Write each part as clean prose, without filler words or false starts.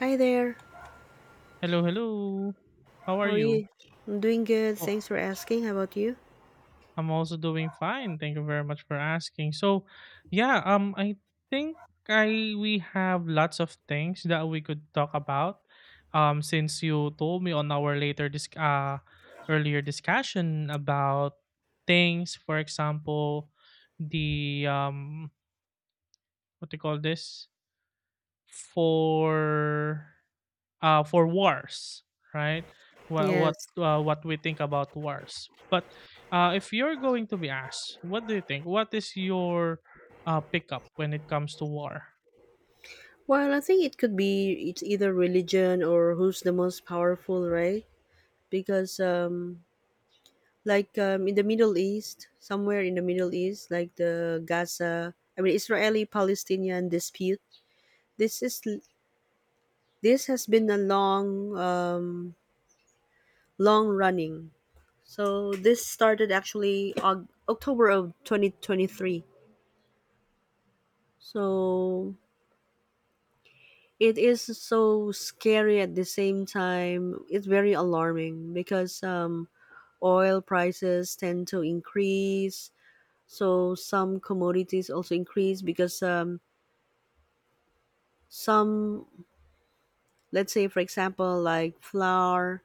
Hi there. Hello, hello. How are How are you? you? I'm doing good. Oh, Thanks for asking. How about you? I'm also doing fine. Thank you very much for asking. So, yeah, I think I we have lots of things that we could talk about. Since you told me on our later dis earlier discussion about things, for example, the what do you call this? For for wars, right? Yes. What we think about wars. But if you're going to be asked, what do you think? What is your pickup when it comes to war? Well, I think it could be it's either religion or who's the most powerful, right? Because like in the Middle East, somewhere in the Middle East, like the Gaza, I mean Israeli-Palestinian dispute. This is this has been a long um long running. So this started actually October of 2023. So it is so scary at the same time. It's very alarming because oil prices tend to increase. So some commodities also increase because some, let's say, for example, like flour,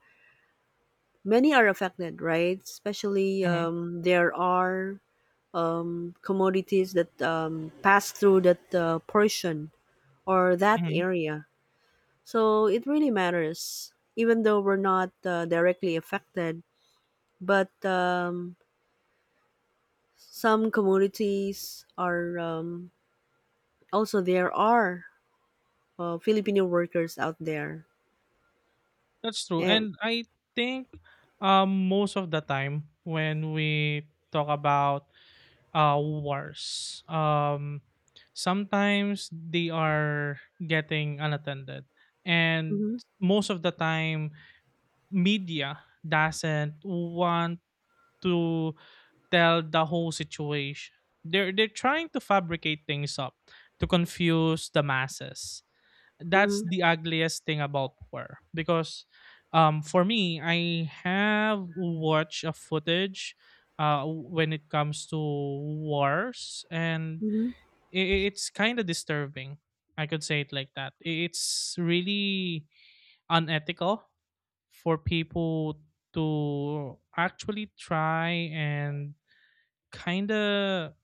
many are affected, right? Especially hmm there are commodities that pass through that portion or that hmm area. So it really matters, even though we're not directly affected. But some communities are also there are Filipino workers out there, That's true, and and I think most of the time when we talk about wars, sometimes they are getting unattended, and mhm, most of the time media doesn't want to tell the whole situation. They're trying to fabricate things up to confuse the masses. That's mhm, the ugliest thing about war because for me I have watched a footage when it comes to wars, and mhm. i- it's kind of disturbing. I could say it like that. It's really unethical for people to actually try and kind of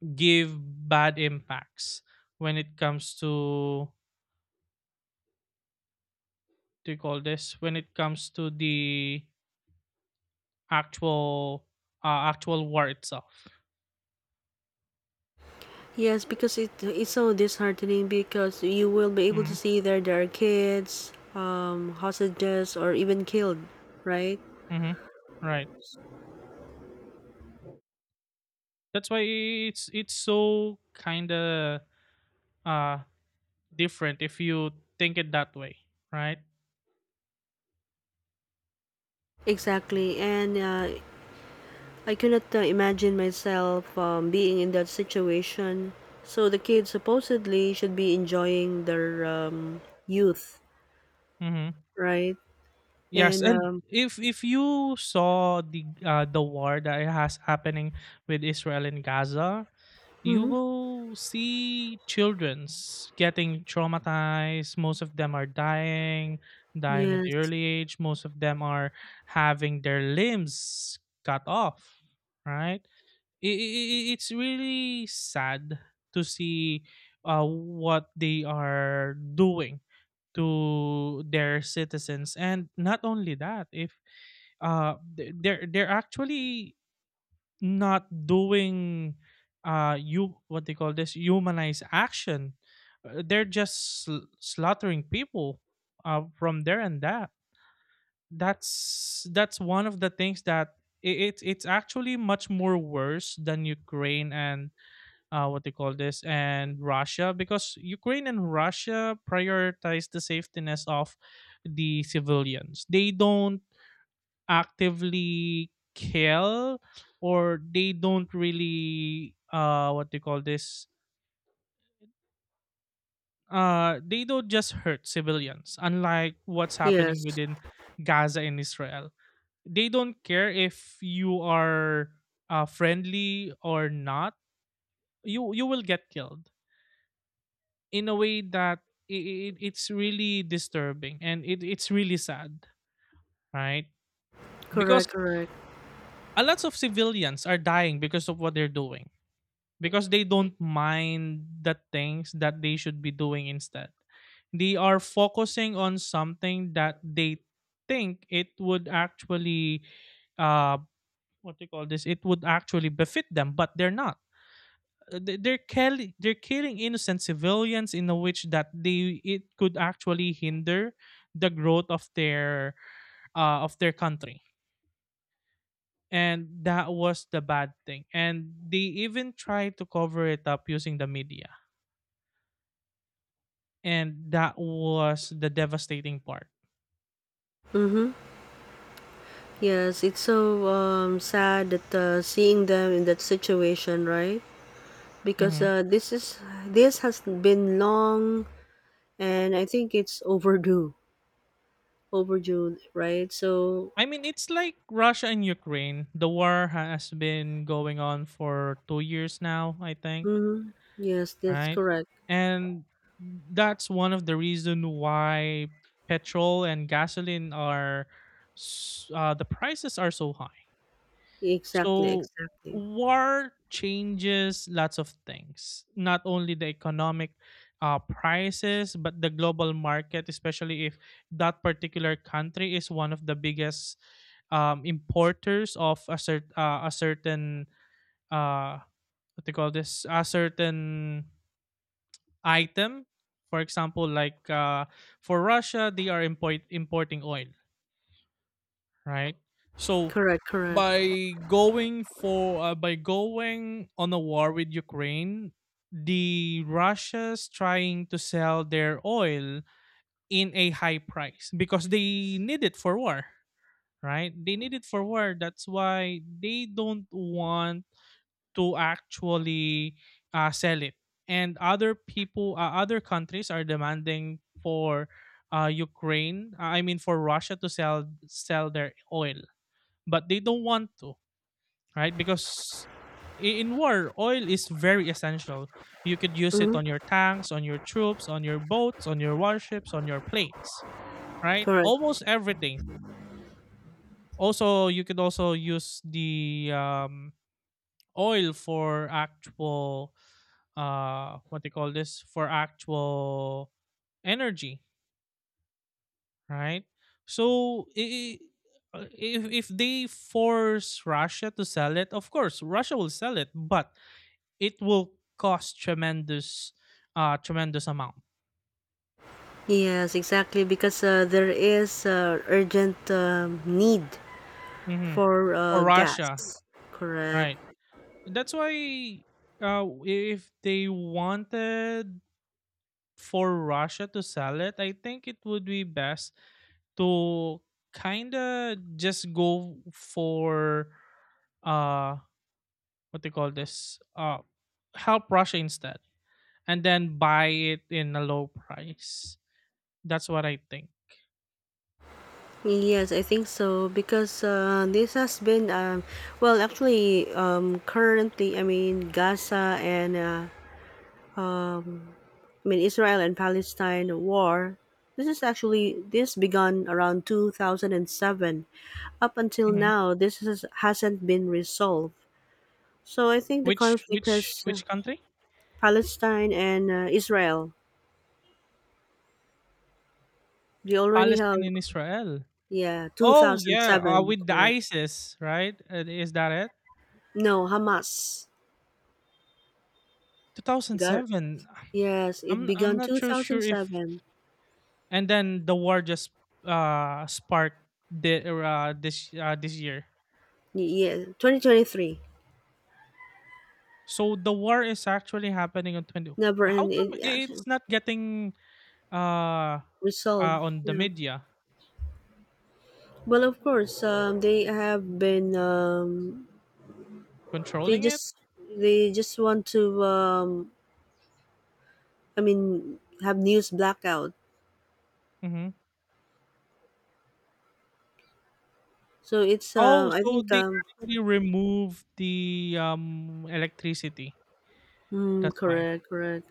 give bad impacts when it comes to what do you call this when it comes to the actual actual war itself. Yes, because it's so disheartening because you will be able to Mm-hmm. see there are kids, hostages, or even killed, right? hmm right, that's why it's so kind of uh different if you think it that way, right. Exactly, and I cannot imagine myself being in that situation. So the kids supposedly should be enjoying their youth, Mm-hmm. right? Yes, And and if you saw the war that has happening with Israel and Gaza, you mhm, will see childrens getting traumatized. Most of them are dying, dying at the yes, early age. Most of them are having their limbs cut off. Right? I- I- it's really sad to see what they are doing to their citizens. And not only that, if they're actually not doing you what they call this humanized action. They're just slaughtering people from there, and that's that's one of the things that it's actually much more worse than Ukraine and what they call this and Russia, because Ukraine and Russia prioritize the safetiness of the civilians. They don't actively kill, or they don't really what they call this they don't just hurt civilians, unlike what's happening yes, within Gaza and Israel. They don't care if you are friendly or not. You will get killed in a way that it's really disturbing, and it's really sad, right? Because correct, correct. a lot of civilians are dying because of what they're doing, because they don't mind the things that they should be doing instead. They are focusing on something that they think it would actually uh what do you call this? It would actually befit them, but they're not. They're killing innocent civilians in a which that they it could actually hinder the growth of their country, and that was the bad thing. And they even tried to cover it up using the media, and that was the devastating part. Mm-hmm, yes, it's so sad that seeing them in that situation, right? Because Mhm. This is this has been long, and I think it's overdue, right? So, I mean, it's like Russia and Ukraine, the war has been going on for 2 years now, I think, mm-hmm, yes, that's right? correct. And that's one of the reason why petrol and gasoline are the prices are so high. Exactly, So exactly. war changes lots of things, not only the economic prices, but the global market, especially if that particular country is one of the biggest importers of a certain uh, what they call this a certain item. For example, like for Russia, they are importing oil, right? So Correct, correct. by going for by going on a war with Ukraine, the Russia's trying to sell their oil in a high price because they need it for war, right? They need it for war. That's why they don't want to actually sell it. And other people, other countries are demanding for Ukraine, I mean for Russia to sell their oil, but they don't want to, right? Because in war, oil is very essential. You could use it Hmm. on your tanks, on your troops, on your boats, on your warships, on your planes, right? Correct. Almost everything. Also, you could also use the oil for actual what they call this for actual energy, right. So if they force Russia to sell it, of course Russia will sell it, but it will cost tremendous tremendous amount. Yes, exactly. Because there is urgent need hmm for for gas. Russia, Correct. right. That's why if they wanted for Russia to sell it, I think it would be best to kinda just go for uh what they call this help Russia instead, and then buy it in a low price. That's what I think. Yes, I think so. Because this has been, well, actually, currently, I mean, Gaza and I mean Israel and Palestine war. This is actually this began around 2007. Up until hmm now, hasn't been resolved. So I think the Which conflict which has which country? Palestine and Israel. They already have, Palestine and Israel. yeah, Oh yeah, 2007, with the correct. ISIS, right? Is that it? No, Hamas. Got. 2007. Yes, it I'm began not sure if, 2007. and then the war just sparked the this this year. Yeah, 2023. So the war is actually happening on 20. Never How end. come It actually it's not getting uh resolved. on the Yeah. media, Well, of course, they have been they controlling it? just they just want to I mean have news blackout. hmm So it's Oh, I so think they actually removed the electricity. mm, That's why. correct, correct.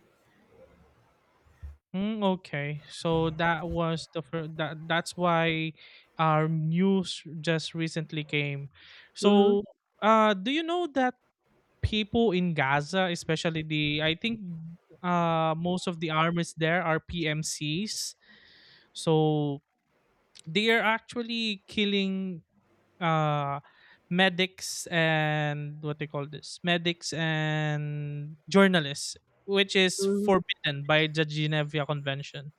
Mm, okay, so that was the fir- that that's why our news just recently came. Mhm. So, do you know that people in Gaza, especially the I think most of the armies there are PMCs. So they are actually killing uh medics and what they call this medics and journalists, which is forbidden by the Geneva Convention,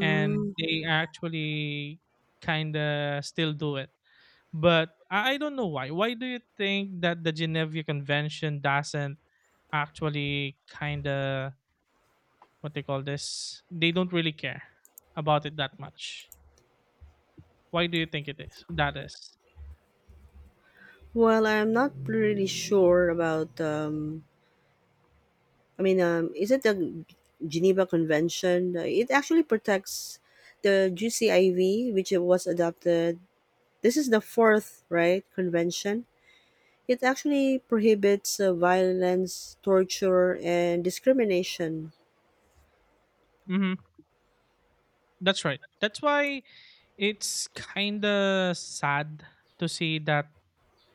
and they actually kind of still do it. But I don't know why. Why do you think that the Geneva Convention doesn't actually kind of what they call this? They don't really care about it that much. Why do you think it is? That is. Well, I'm not really sure about. I mean, is it the Geneva Convention? It actually protects the GCIV, which it was adopted. This is the fourth, right, convention. It actually prohibits violence, torture, and discrimination. Mm-hmm. That's right. That's why it's kind of sad to see that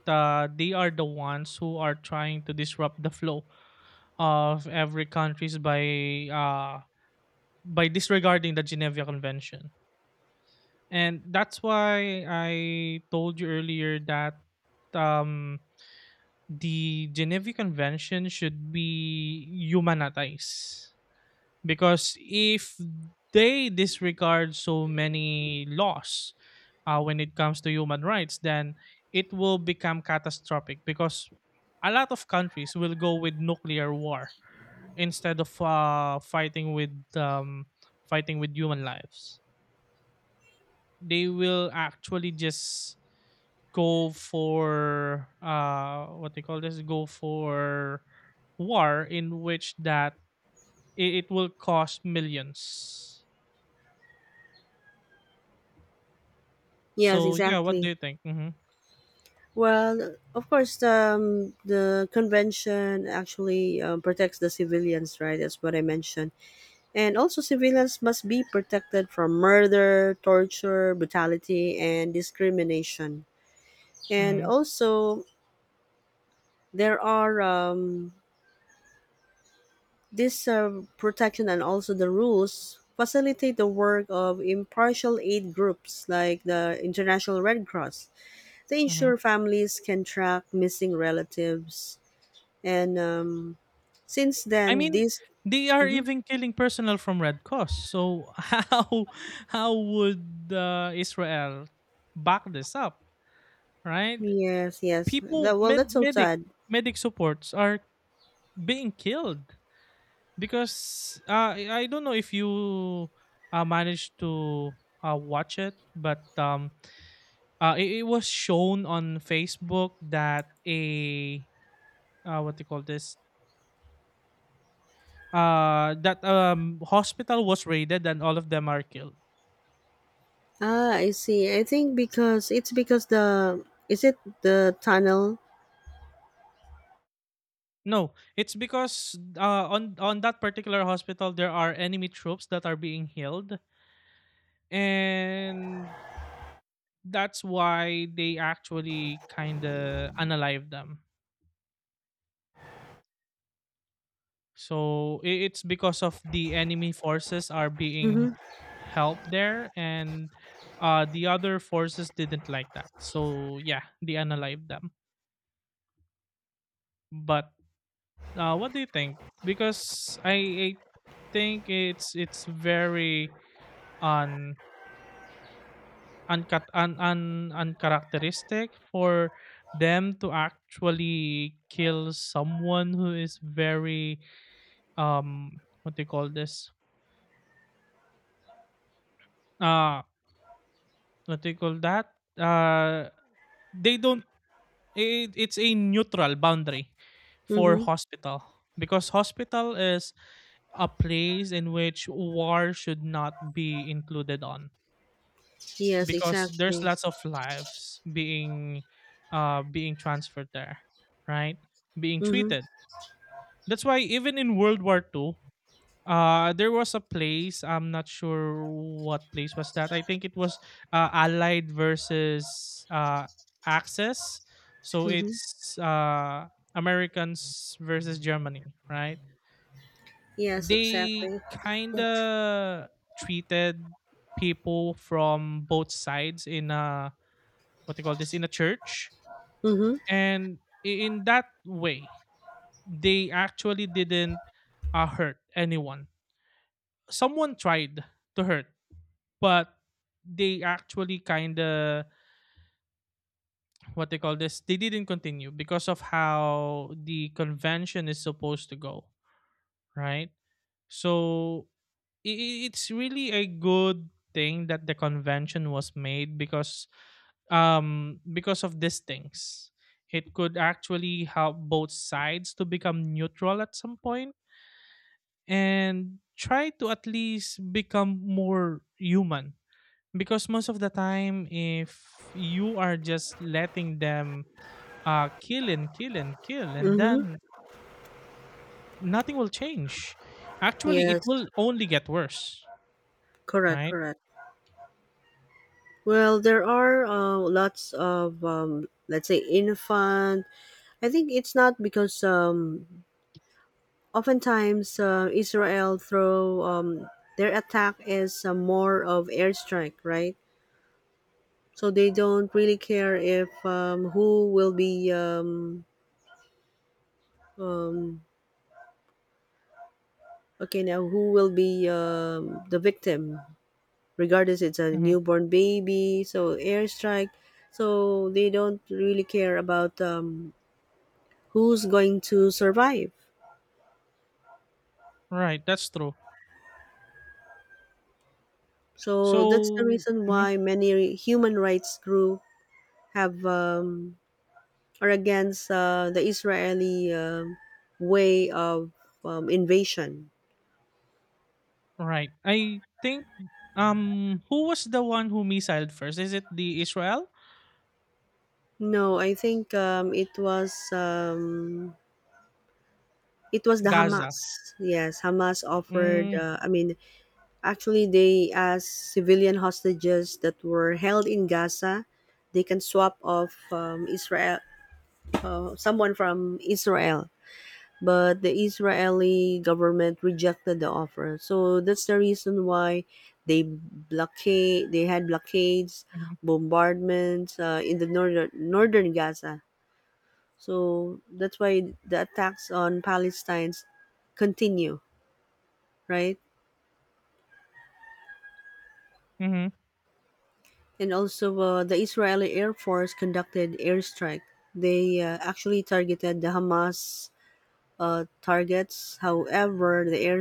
they are the ones who are trying to disrupt the flow of every countries uh, by disregarding the Geneva Convention. And that's why I told you earlier that um, the Geneva Convention should be humanized. Because if they disregard so many laws when it comes to human rights, then it will become catastrophic, because a lot of countries will go with nuclear war instead of fighting with human lives. They will actually just go for what they call this go for war in which that it will cost millions. Yes, So yeah, what do exactly. you think? Well, of course, the convention actually protects the civilians, right? That's what I mentioned. And also, civilians must be protected from murder, torture, brutality, and discrimination. And hmm also, there are this protection and also the rules facilitate the work of impartial aid groups like the International Red Cross. They hmm ensure families can track missing relatives. And since I then, mean, this. they are Mhm. even killing personnel from Red Cross, so how would Israel back this up, right? Yes, yes. People, Well, that's so sad. medic supports are being killed, because I don't know if you managed to watch it, but it was shown on Facebook that a what do you call this? That hospital was raided and all of them are killed. Ah, I see. I think because it's because the is it the tunnel? No, it's because on that particular hospital there are enemy troops that are being healed, and that's why they actually kind of unalive them. So it's because of the enemy forces are being Mhm. helped there, and the other forces didn't like that. So yeah, they unalived them. But what do you think? Because I think it's very un uncut un, un uncharacteristic for them to actually kill someone who is very um what do you call this? Uh, what do you call that? Uh, they don't. It's a neutral boundary for Mhm. hospital, because hospital is a place in which war should not be included on, Yes, because there's exactly. lots of lives being being transferred there, right, being Mhm. treated. That's why even in World War Two. There was a place. I'm not sure what place was that. I think it was Allied versus Axis. So Mhm. it's Americans versus Germany, right? Yes, They exactly. kind of treated people from both sides in a what they call this in a church, Mhm. and in that way, they actually didn't hurt anyone. Someone tried to hurt, but they actually kind of what they call this they didn't continue because of how the convention is supposed to go, right. So it's really a good thing that the convention was made, because of these things it could actually help both sides to become neutral at some point and try to at least become more human. Because most of the time, if you are just letting them kill and kill and kill, and Mhm. then nothing will change. Actually, it Yes. will only get worse, Correct, right? correct. Well, there are lots of let's say infant. I think it's not because oftentimes Israel throw their attack is more of airstrike, right? So they don't really care if who will be um, okay now who will be the victim, regardless it's a hmm newborn baby, so airstrike. So they don't really care about who's going to survive. Right, that's true. So that's the So, reason mhm, why many human rights group have are against the Israeli way of invasion. right, I think who was the one who missiled first? Is it the Israel? No, I think it was the Gaza. Hamas. Yes, Hamas offered. Mm-hmm. I mean, actually, they asked civilian hostages that were held in Gaza, they can swap off Israel, someone from Israel. But the Israeli government rejected the offer, so that's the reason why they blockade. They had blockades, Mm-hmm. bombardments in the northern Gaza. So that's why the attacks on Palestinians continue, right? Mm-hmm. And also, the Israeli Air Force conducted airstrike. They actually targeted the Hamas targets. However, the air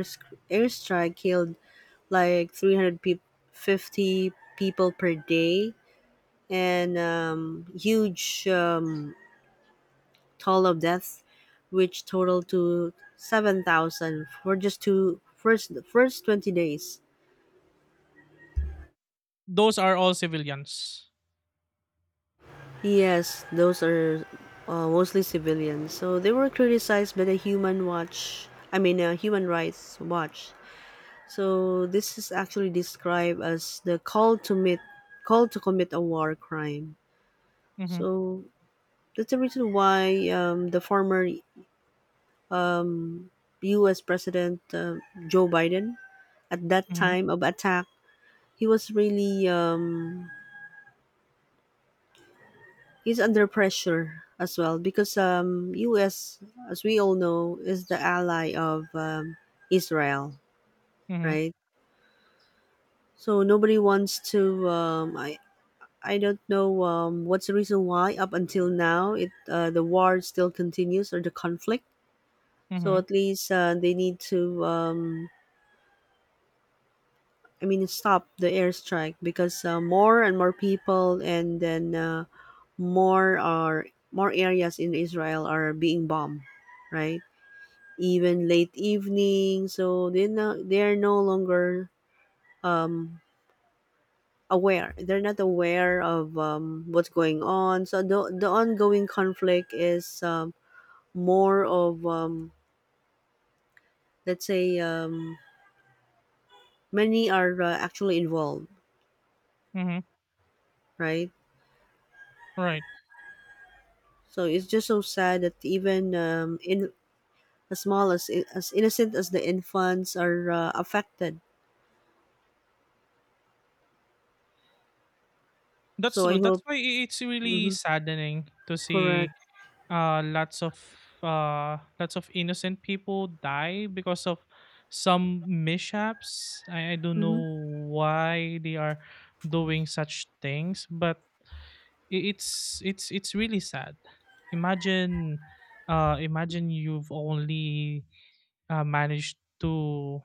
airstrike killed like 350 people per day and huge toll of death, which totaled to 7,000 for just two first the first 20 days. Those are all civilians. Yes, those are mostly civilians. So they were criticized by the Human Watch, I mean, Human Rights Watch. So this is actually described as the call to commit a war crime. Mm-hmm. So that's the reason why the former um, U.S. President Joe Biden, at that Mm-hmm. time of attack, he was really he's under pressure as well because US as we all know is the ally of Israel, Mm-hmm. right? So nobody wants to I don't know what's the reason why up until now it the war still continues or the conflict. So Mm-hmm. at least they need to I mean stop the airstrike because more and more people and then more are more areas in Israel are being bombed, right? Even late evening so they are no longer um aware they're not aware of what's going on, so the ongoing conflict is more of let's say many are actually involved, Mm-hmm. right. Right. So it's just so sad that even in as small as as innocent as the infants are affected, That's so true. I That's hope. why it's really Hmm. saddening to see Correct. uh, lots of lots of innocent people die because of some mishaps. I don't know Mm-hmm. why they are doing such things, but it's really sad. Imagine, imagine you've only managed to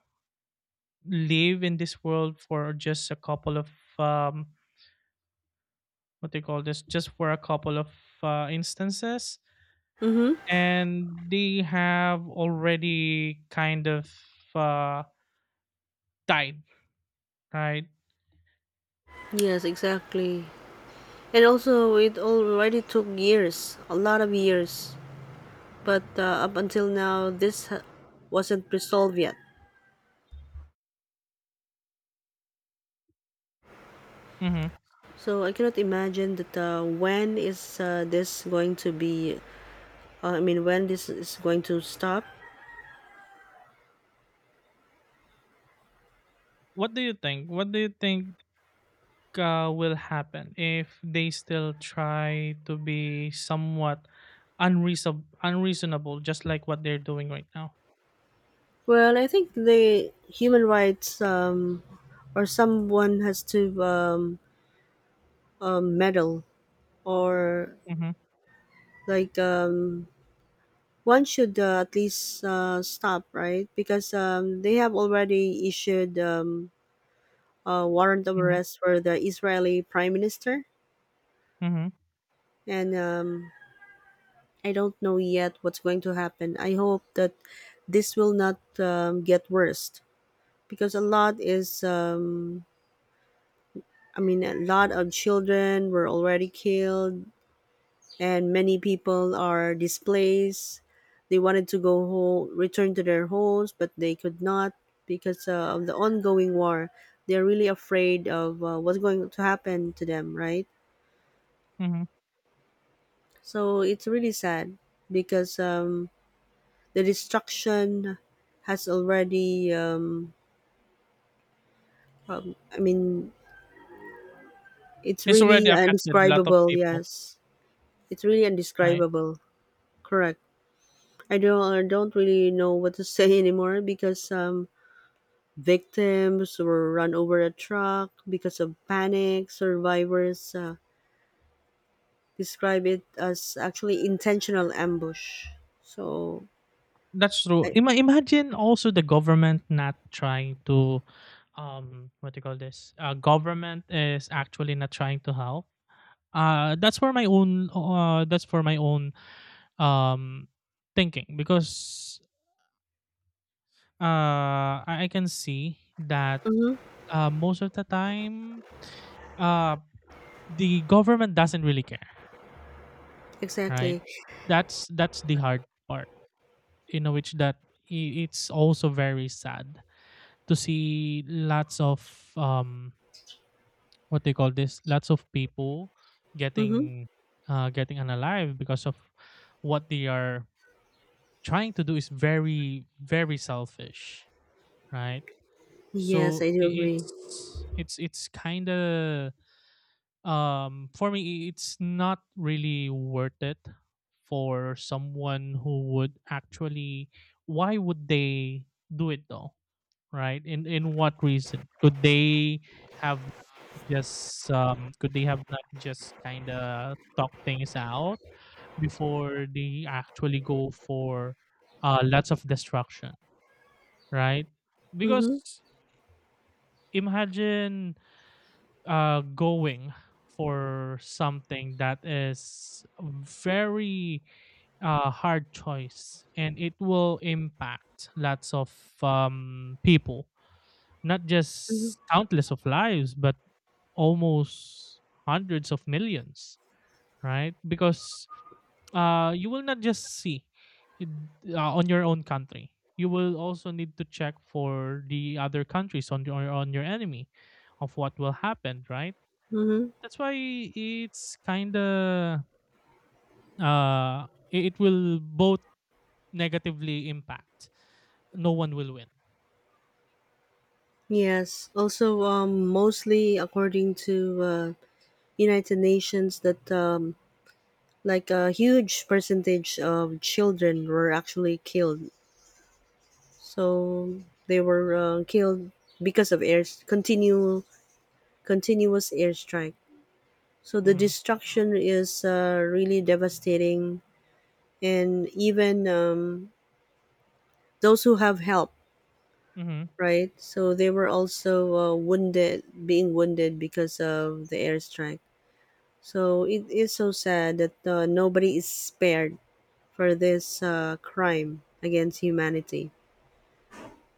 live in this world for just a couple of um, what they call this, just for a couple of instances, Mm-hmm. and they have already kind of uh, died, right? Yes, exactly. And also, it already took years, a lot of years. But up until now, wasn't resolved yet. Hmm. So I cannot imagine that when is this going to be, I mean, when this is going to stop. What do you think? What do you think will happen if they still try to be somewhat unreasonable, just like what they're doing right now? Well, I think the human rights or someone has to meddle or Hmm. like one should at least stop, right? Because they have already issued warrant of Hmm. arrest for the Israeli prime minister. Hmm. And I don't know yet what's going to happen. I hope that this will not get worse because I mean, a lot of children were already killed and many people are displaced. They wanted to go home, return to their homes, but they could not because of the ongoing war. They're really afraid of what's going to happen to them, right? Hmm. So it's really sad because the destruction has already. I mean, it's It's really already affected a lot of indescribable. people, Yes, it's really right? indescribable. Correct. I don't. I don't really know what to say anymore because victims were run over a truck because of panic. Survivors describe it as actually intentional ambush. So. That's true. I, Imagine also the government not trying to, what do you call this? Government is actually not trying to help. That's for my own um thinking because uh I can see that mm-hmm, most of the time uh the government doesn't really care, right? exactly. That's the hard part. You know, which that it's also very sad to see lots of what they call this lots of people Mm-hmm. getting getting unalive because of what they are trying to do is very very selfish, right? Yes, So I do i- agree. it's it's it's kind of for me it's not really worth it for someone who would actually why would they do it though, right? In what reason could they have. Just, could they have not just kinda talk things out before they actually go for, lots of destruction, right? Because Mm-hmm, imagine, going for something that is very, hard choice, and it will impact lots of, people, not mm-hmm, just countless of lives, but almost hundreds of millions. Right? Because you will not just see it, on your own country. You will also need to check for the other countries on your enemy, of what will happen, right? mm-hmm. That's why it's kind of it will both negatively impact, no one will win. Yes. Also, mostly according to United Nations, that like a huge percentage of children were actually killed. So they were killed because of air continue continuous airstrike. So the Mhm. destruction is really devastating, and even those who have help, Mhm. right? So they were also being wounded because of the airstrike. So it is so sad that nobody is spared for this crime against humanity.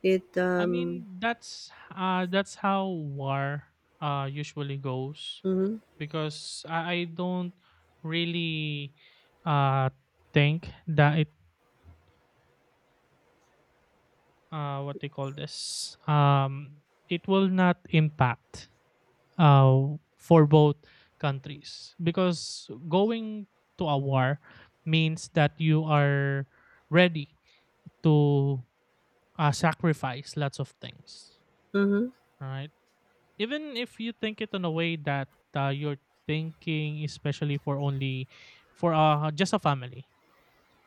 It I mean that's how war usually goes mm-hmm, because I don't really uh think that it what they call this it will not impact for both countries, because going to a war means that you are ready to sacrifice lots of things, mm-hmm, right? Even if you think it in a way that you're thinking especially for only for just a family,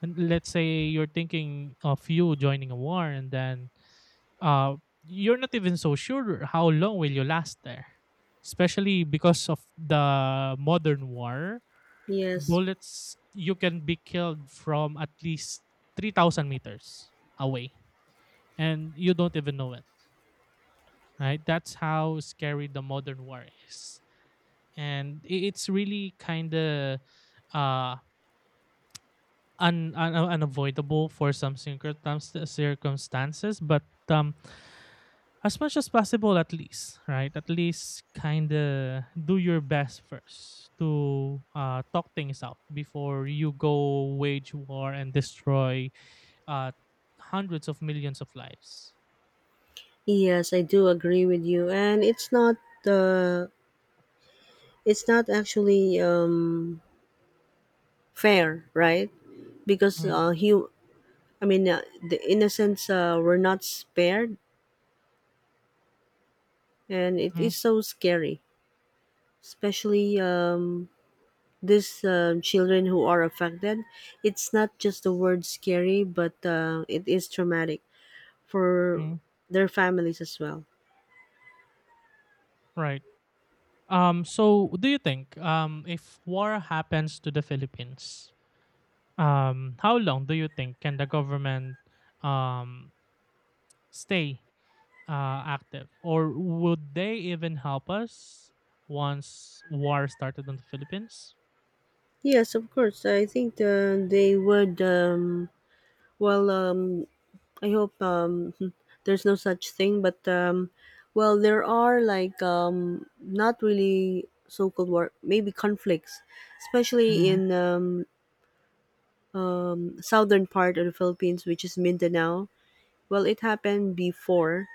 and let's say you're thinking of you joining a war, and then uh you're not even so sure how long will you last there, especially because of the modern war yes, bullets. You can be killed from at least 3,000 meters away and you don't even know it, right? That's how scary the modern war is. And it's really kind of uh unavoidable for some circumstances, but um as much as possible at least, right, at least kind of do your best first to talk things out before you go wage war and destroy uh, hundreds of millions of lives. yes I do agree with you, and uh, it's not actually fair, right? Because Mhm, hu I mean, the innocents were not spared, and it mhm, is so scary. Especially these children who are affected. It's not just the word scary, but it is traumatic for mhm. their families as well. Right. Um, so do you think if war happens to the Philippines, um, how long do you think can the government um, stay active, or would they even help us once war started on the Philippines? Yes, of course. I think they would. Well, I hope there's no such thing, but well, there are like not really so-called war, maybe conflicts, especially Mm-hmm. in southern part of the Philippines, which is Mindanao. Well, it happened before,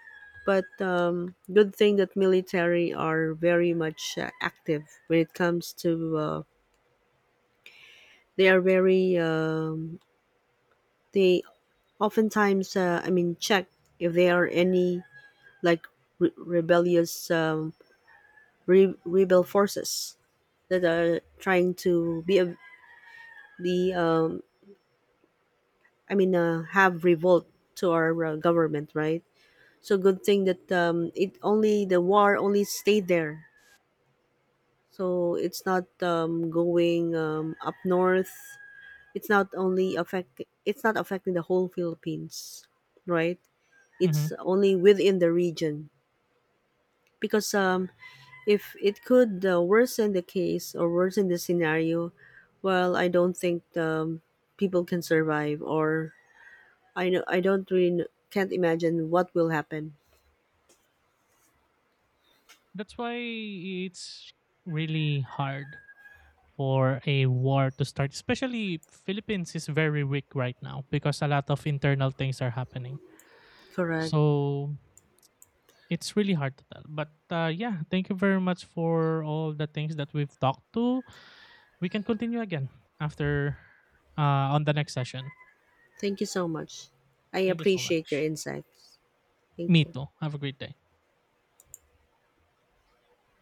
but good thing that military are very much active when it comes to. They are very. They oftentimes, I mean, check if there are any like re- rebellious um, rebel forces that are trying to be a, be I mean, have revolt to our government, right? So good thing that it only the war only stayed there. So it's not going up north. It's not only affect. It's not affecting the whole Philippines, right? It's only within the region because if it could worsen the case or worsen the scenario, well, I don't think people can survive. Or I know I don't really can't imagine what will happen. That's why it's really hard for a war to start. Especially Philippines is very weak right now because a lot of internal things are happening. Correct. So it's really hard to tell. But yeah, thank you very much for all the things that we've talked to. We can continue again after on the next session. Thank you so much. I Thank you so appreciate your much. insights. Thank Me you. too. Have a great day.